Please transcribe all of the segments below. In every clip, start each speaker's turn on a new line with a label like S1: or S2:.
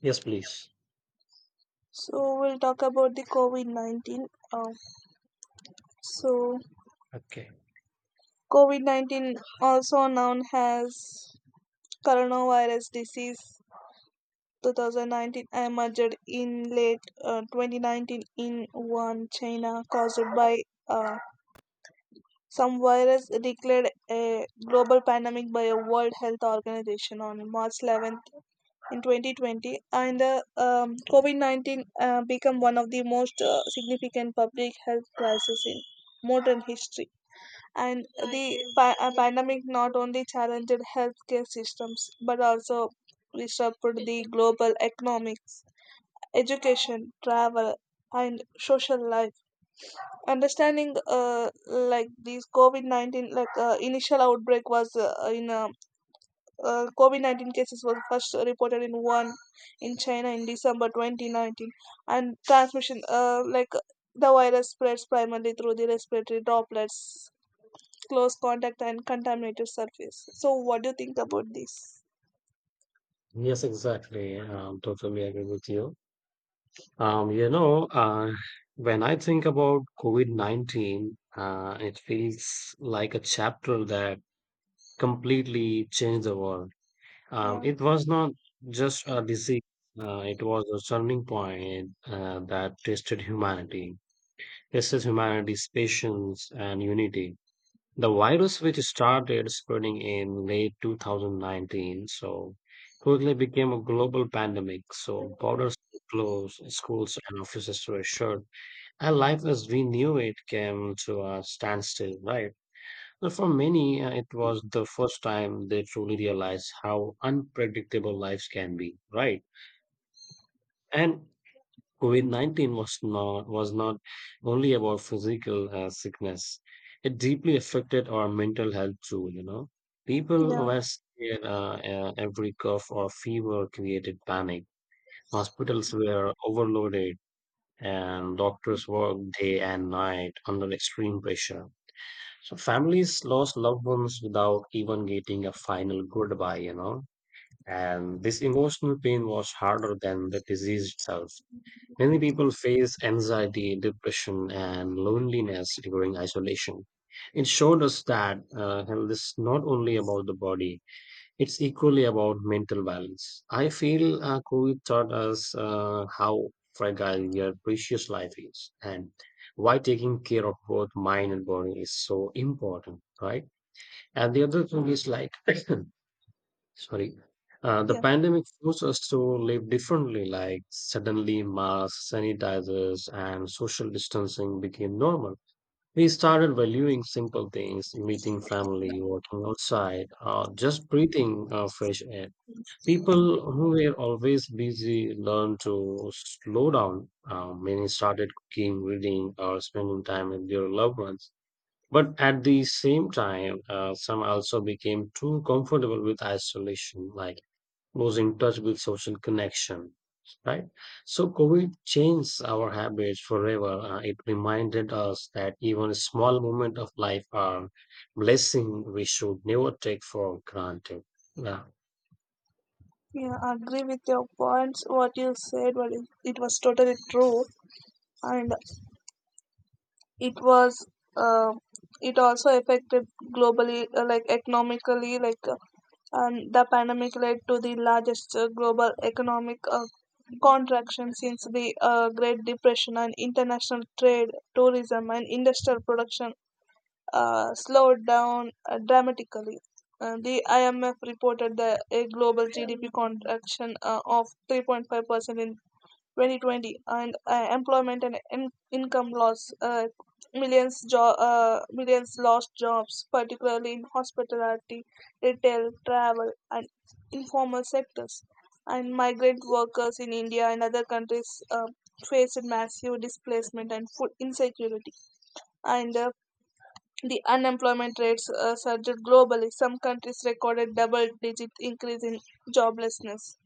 S1: Yes, please.
S2: So we'll talk about the COVID-19. Uh, so
S1: Okay.
S2: COVID-19, also known as coronavirus disease 2019, emerged in late 2019 in Wuhan, China, caused by uh, some virus, declared a global pandemic by a World Health Organization on March 11th in 2020. And COVID-19 became one of the most significant public health crises in modern history. And the pandemic not only challenged healthcare systems but also disrupted the global economics, education, travel, and social life. Understanding like these covid-19 like initial outbreak was in COVID-19 cases was first reported in one in China in December 2019. And transmission, the virus spreads primarily through the respiratory droplets, close contact and contaminated surface. So what do you think about this?
S1: Yes, exactly. Totally agree with you. Um, you know, uh, when I think about COVID-19, it feels like a chapter that completely changed the world.
S2: yeah
S1: It was not just a disease, it was a turning point that tested humanity, tested humanity's patience and unity. The virus, which started spreading in late 2019, so quickly became a global pandemic. So borders were closed, schools and offices were shut, and life as we knew it came to a standstill, right? So for many, it was the first time they truly realized how unpredictable lives can be, right? And COVID-19 was not only about physical sickness. It deeply affected our mental health too. People
S2: yeah
S1: were scared, every cough or fever created panic. Hospitals were overloaded and doctors worked day and night under extreme pressure. So families lost loved ones without even getting a final goodbye. And this emotional pain was harder than the disease itself. Many people face anxiety, depression, and loneliness during isolation. It showed us that health is not only about the body, it's equally about mental balance. I feel COVID taught us how fragile your precious life is and why taking care of both mind and body is so important, right? And the other thing is like, Sorry. The
S2: yeah
S1: pandemic forced us to live differently, like suddenly masks, sanitizers, and social distancing became normal. We started valuing simple things, meeting family, walking outside, or just breathing fresh air. People who were always busy learned to slow down. Many started cooking, reading, or spending time with their loved ones. But at the same time, some also became too comfortable with isolation, like losing touch with social connection, right? So COVID changed our habits forever. It reminded us that even small moments of life are blessing we should never take for granted. Yeah.
S2: Yeah, I agree with your points, what you said, but it was totally true. And it was uh, it also affected globally, economically. Like and The pandemic led to the largest global economic contraction since the Great Depression. And international trade, tourism and industrial production slowed down dramatically. The IMF reported a global GDP contraction of 3.5% in 2020. And Employment and income loss, millions lost jobs, particularly in hospitality, retail, travel and informal sectors. And migrant workers in India and other countries faced massive displacement and food insecurity. And The unemployment rates surged globally. Some countries recorded double digit increase in joblessness.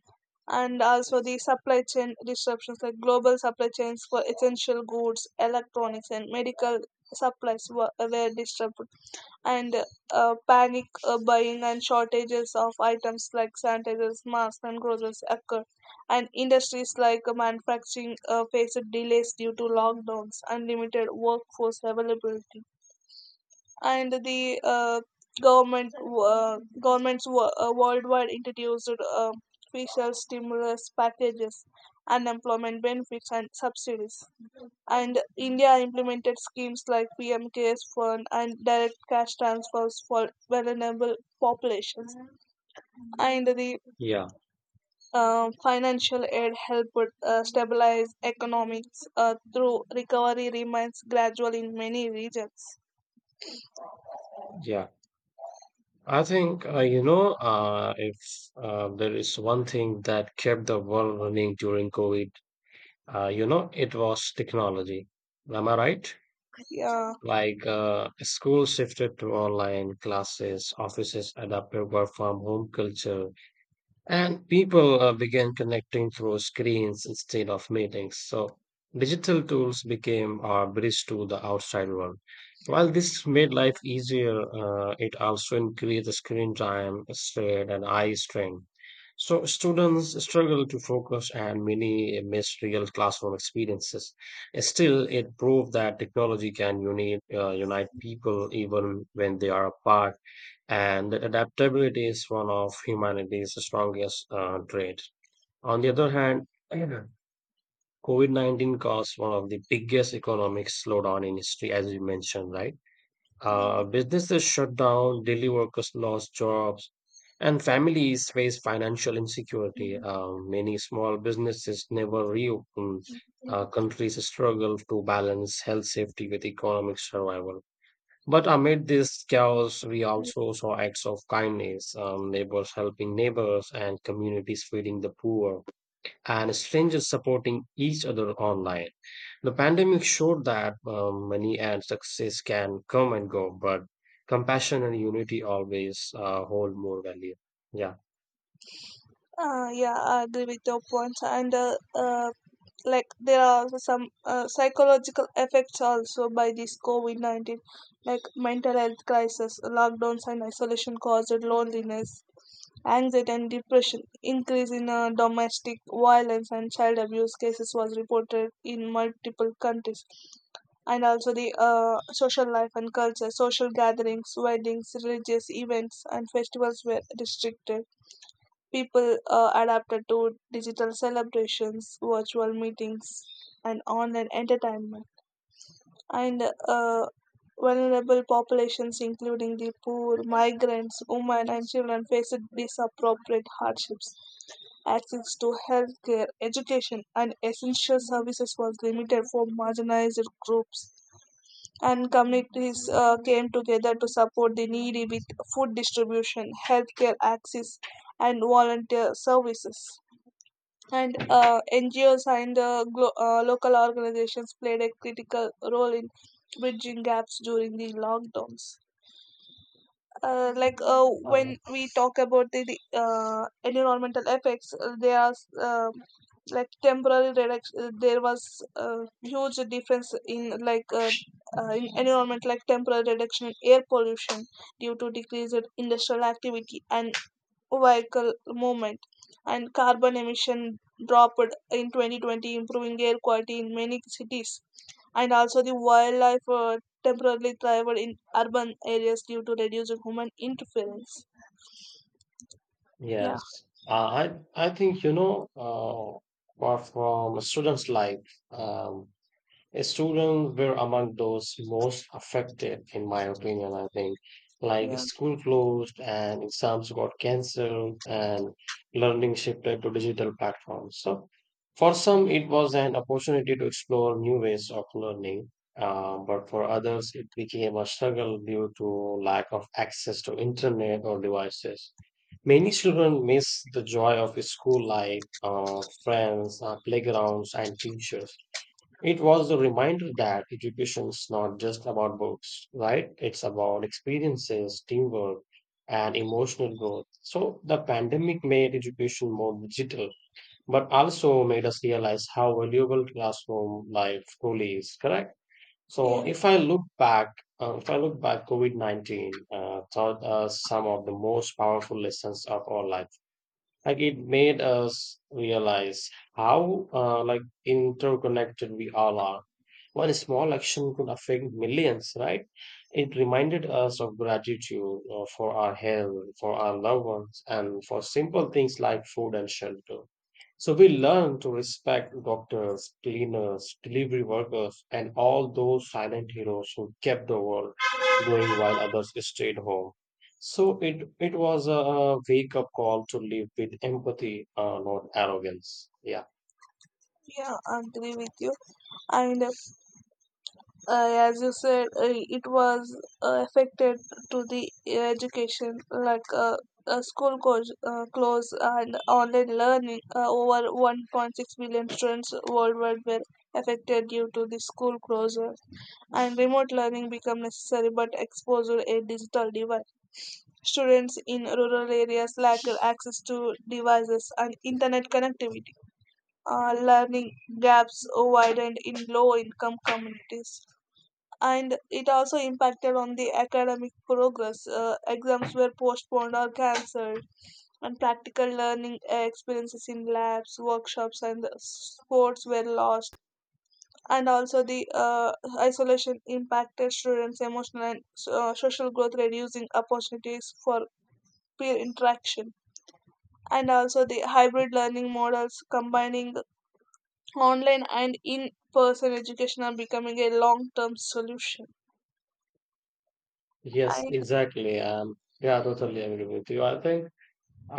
S2: And also the supply chain disruptions, like global supply chains for essential goods, electronics, and medical supplies were disrupted, and panic buying and shortages of items like sanitizers, masks, and groceries occurred. And industries like manufacturing faced delays due to lockdowns and limited workforce availability. And the government Governments worldwide introduced uh, fiscal stimulus packages, unemployment benefits, and subsidies. And India implemented schemes like PM CARES Fund and direct cash transfers for vulnerable populations. And the financial aid helped stabilize economics, through recovery remains gradual in many regions.
S1: Yeah. I think, if there is one thing that kept the world running during COVID, uh, it was technology. Am I right?
S2: Yeah.
S1: Like schools shifted to online classes, offices adapted work from home culture, and people began connecting through screens instead of meetings. So digital tools became our bridge to the outside world. While this made life easier, it also increased the screen time, strain, and eye strain. So students struggle to focus and many miss real classroom experiences. Still, it proved that technology can unite people even when they are apart and that adaptability is one of humanity's strongest traits. On the other hand, Mhm. COVID COVID-19 caused one of the biggest economic slowdown in history, as you mentioned, right? Businesses shut down, daily workers lost jobs, and families faced financial insecurity. Many small businesses never reopened. Countries struggle to balance health safety with economic survival. But amid this chaos, we also saw acts of kindness, neighbors helping neighbors, and communities feeding the poor, and strangers supporting each other online. The pandemic showed that money and success can come and go, but compassion and unity always hold more value. Yeah.
S2: Yeah, I agree with your points, and like there are also some psychological effects also by this COVID 19, like mental health crisis, lockdowns, and isolation caused loneliness, anxiety, and depression. Increase in domestic violence and child abuse cases was reported in multiple countries. And also the social life and culture, social gatherings, weddings, religious events, and festivals were restricted. People adapted to digital celebrations, virtual meetings, and online entertainment. And uh, Vulnerable populations, including the poor, migrants, women, and children, faced disappropriate hardships. Access to healthcare, education, and essential services was limited for marginalized groups. And communities came together to support the needy with food distribution, healthcare access, and volunteer services. And NGOs and local organizations played a critical role in bridging gaps during the lockdowns. Uh, like uh,
S1: Uh,
S2: when we talk about the environmental effects, there are um like temporary reduction. There was a huge difference in environment, like temporary reduction in air pollution due to decreased industrial activity and vehicle movement. And carbon emission dropped in 2020, improving air quality in many cities. And also the wildlife temporarily thrived in urban areas due to reduced human interference. yeah
S1: yes. I think apart from a students' life, um, students were among those most affected, in my opinion, I think. Like
S2: yeah
S1: school closed and exams got cancelled and learning shifted to digital platforms. So for some, it was an opportunity to explore new ways of learning, but for others, it became a struggle due to lack of access to internet or devices. Many children miss the joy of school life, friends, playgrounds, and teachers. It was a reminder that education is not just about books, right? It's about experiences, teamwork, and emotional growth. So the pandemic made education more digital, but also made us realize how valuable classroom life truly is, correct? So
S2: yes
S1: if I look back, COVID-19 taught us some of the most powerful lessons of our life. Like it made us realize how interconnected we all are one small action could affect millions, right? It reminded us of gratitude for our health, for our loved ones, and for simple things like food and shelter. So we learn to respect doctors, cleaners, delivery workers, and all those silent heroes who kept the world going while others stayed home. So it was a wake-up call to live with empathy, not arrogance. Yeah.
S2: yeah I agree with you. And As you said, it was affected to the education, close and online learning. Over 1.6 million students worldwide were affected due to the school closure, and remote learning became necessary but exposed to a digital divide. Students in rural areas lack access to devices and internet connectivity. Learning gaps widened in low income communities and it also impacted on the academic progress. Exams were postponed or cancelled, and practical learning experiences in labs, workshops, and sports were lost. And also, the isolation impacted students' emotional and social growth, reducing opportunities for peer interaction. And also, the hybrid learning models combining online and in person education are becoming a long term solution.
S1: Yes,
S2: I
S1: exactly. Yeah, I totally agree with you. I think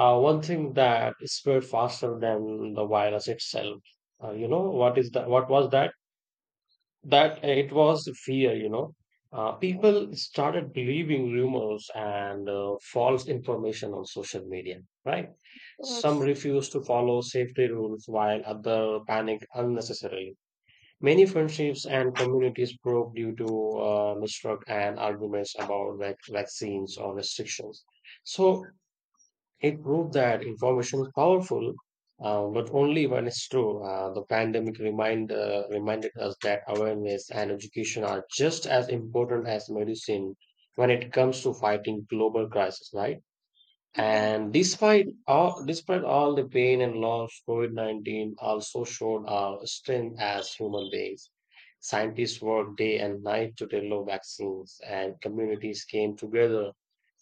S1: One thing that spread faster than the virus itself. What is that? What was that? That it was fear. People started believing rumors and false information on social media. Right? Some
S2: Yes.
S1: refused to follow safety rules, while other panicked unnecessarily. Many friendships and communities broke due to mistruck and arguments about vaccines or restrictions. So it proved that information is powerful, but only when it's true. The pandemic reminded us that awareness and education are just as important as medicine when it comes to fighting global crisis, right?
S2: Yeah.
S1: And despite all the pain and loss, COVID COVID-19 also showed our strength as human beings. Scientists worked day and night to develop vaccines, and communities came together,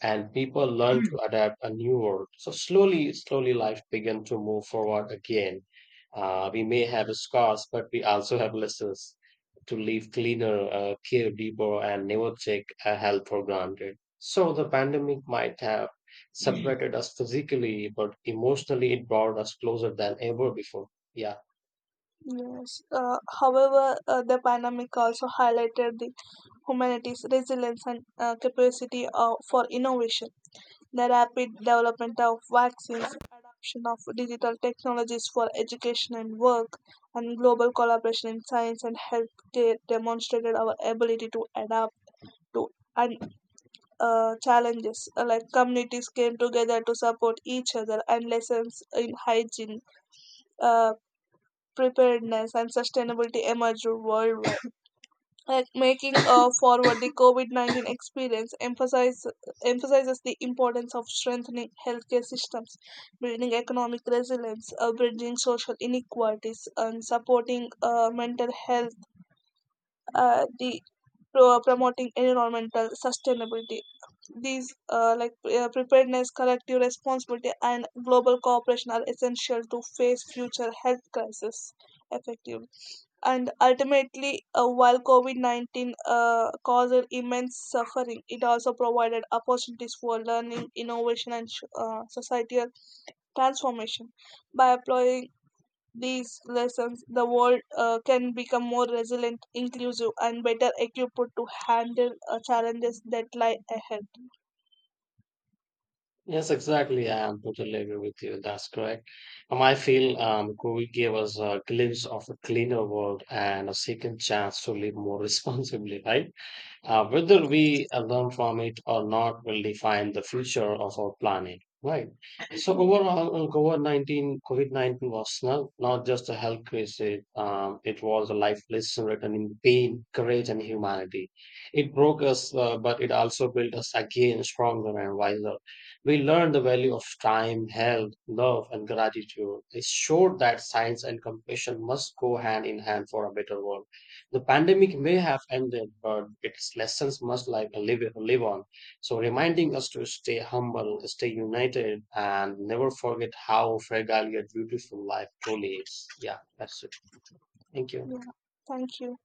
S1: and people learned to adapt a new world. So, slowly, slowly, life began to move forward again. We may have scars, but we also have lessons to live cleaner, care deeper, and never take health for granted. So, the pandemic might have separated us physically, but emotionally it brought us closer than ever before. Yeah.
S2: Yes. However, the pandemic also highlighted the humanity's resilience and capacity for innovation. The rapid development of vaccines, adoption of digital technologies for education and work, and global collaboration in science and healthcare demonstrated our ability to adapt to and challenges. Communities came together to support each other, and lessons in hygiene, uh, preparedness and sustainability emerged worldwide. Like making Forward, the COVID-19 experience emphasizes the importance of strengthening healthcare systems, building economic resilience, bridging social inequalities and supporting mental health, uh, the promoting environmental sustainability. These like Preparedness, collective responsibility and global cooperation are essential to face future health crises effectively. And ultimately, while COVID 19 caused immense suffering, it also provided opportunities for learning, innovation, and societal transformation. By applying these lessons, the world can become more resilient, inclusive, and better equipped to handle challenges that lie ahead.
S1: Yes, exactly. I am totally agree with you. That's correct. I feel COVID gave us a glimpse of a cleaner world and a second chance to live more responsibly, right? Whether we learn from it or not will define the future of our planet. Right. So overall, COVID-19 was not just a health crisis. It was a life lesson written in pain, courage, and humanity. It broke us, but it also built us again stronger and wiser. We learned the value of time, health, love, and gratitude. It showed that science and compassion must go hand in hand for a better world. The pandemic may have ended, but its lessons must live on. So, reminding us to stay humble, stay united, and never forget how fragile yet beautiful life truly is. Yeah, that's it. Thank you.
S2: Yeah, yeah. Thank you.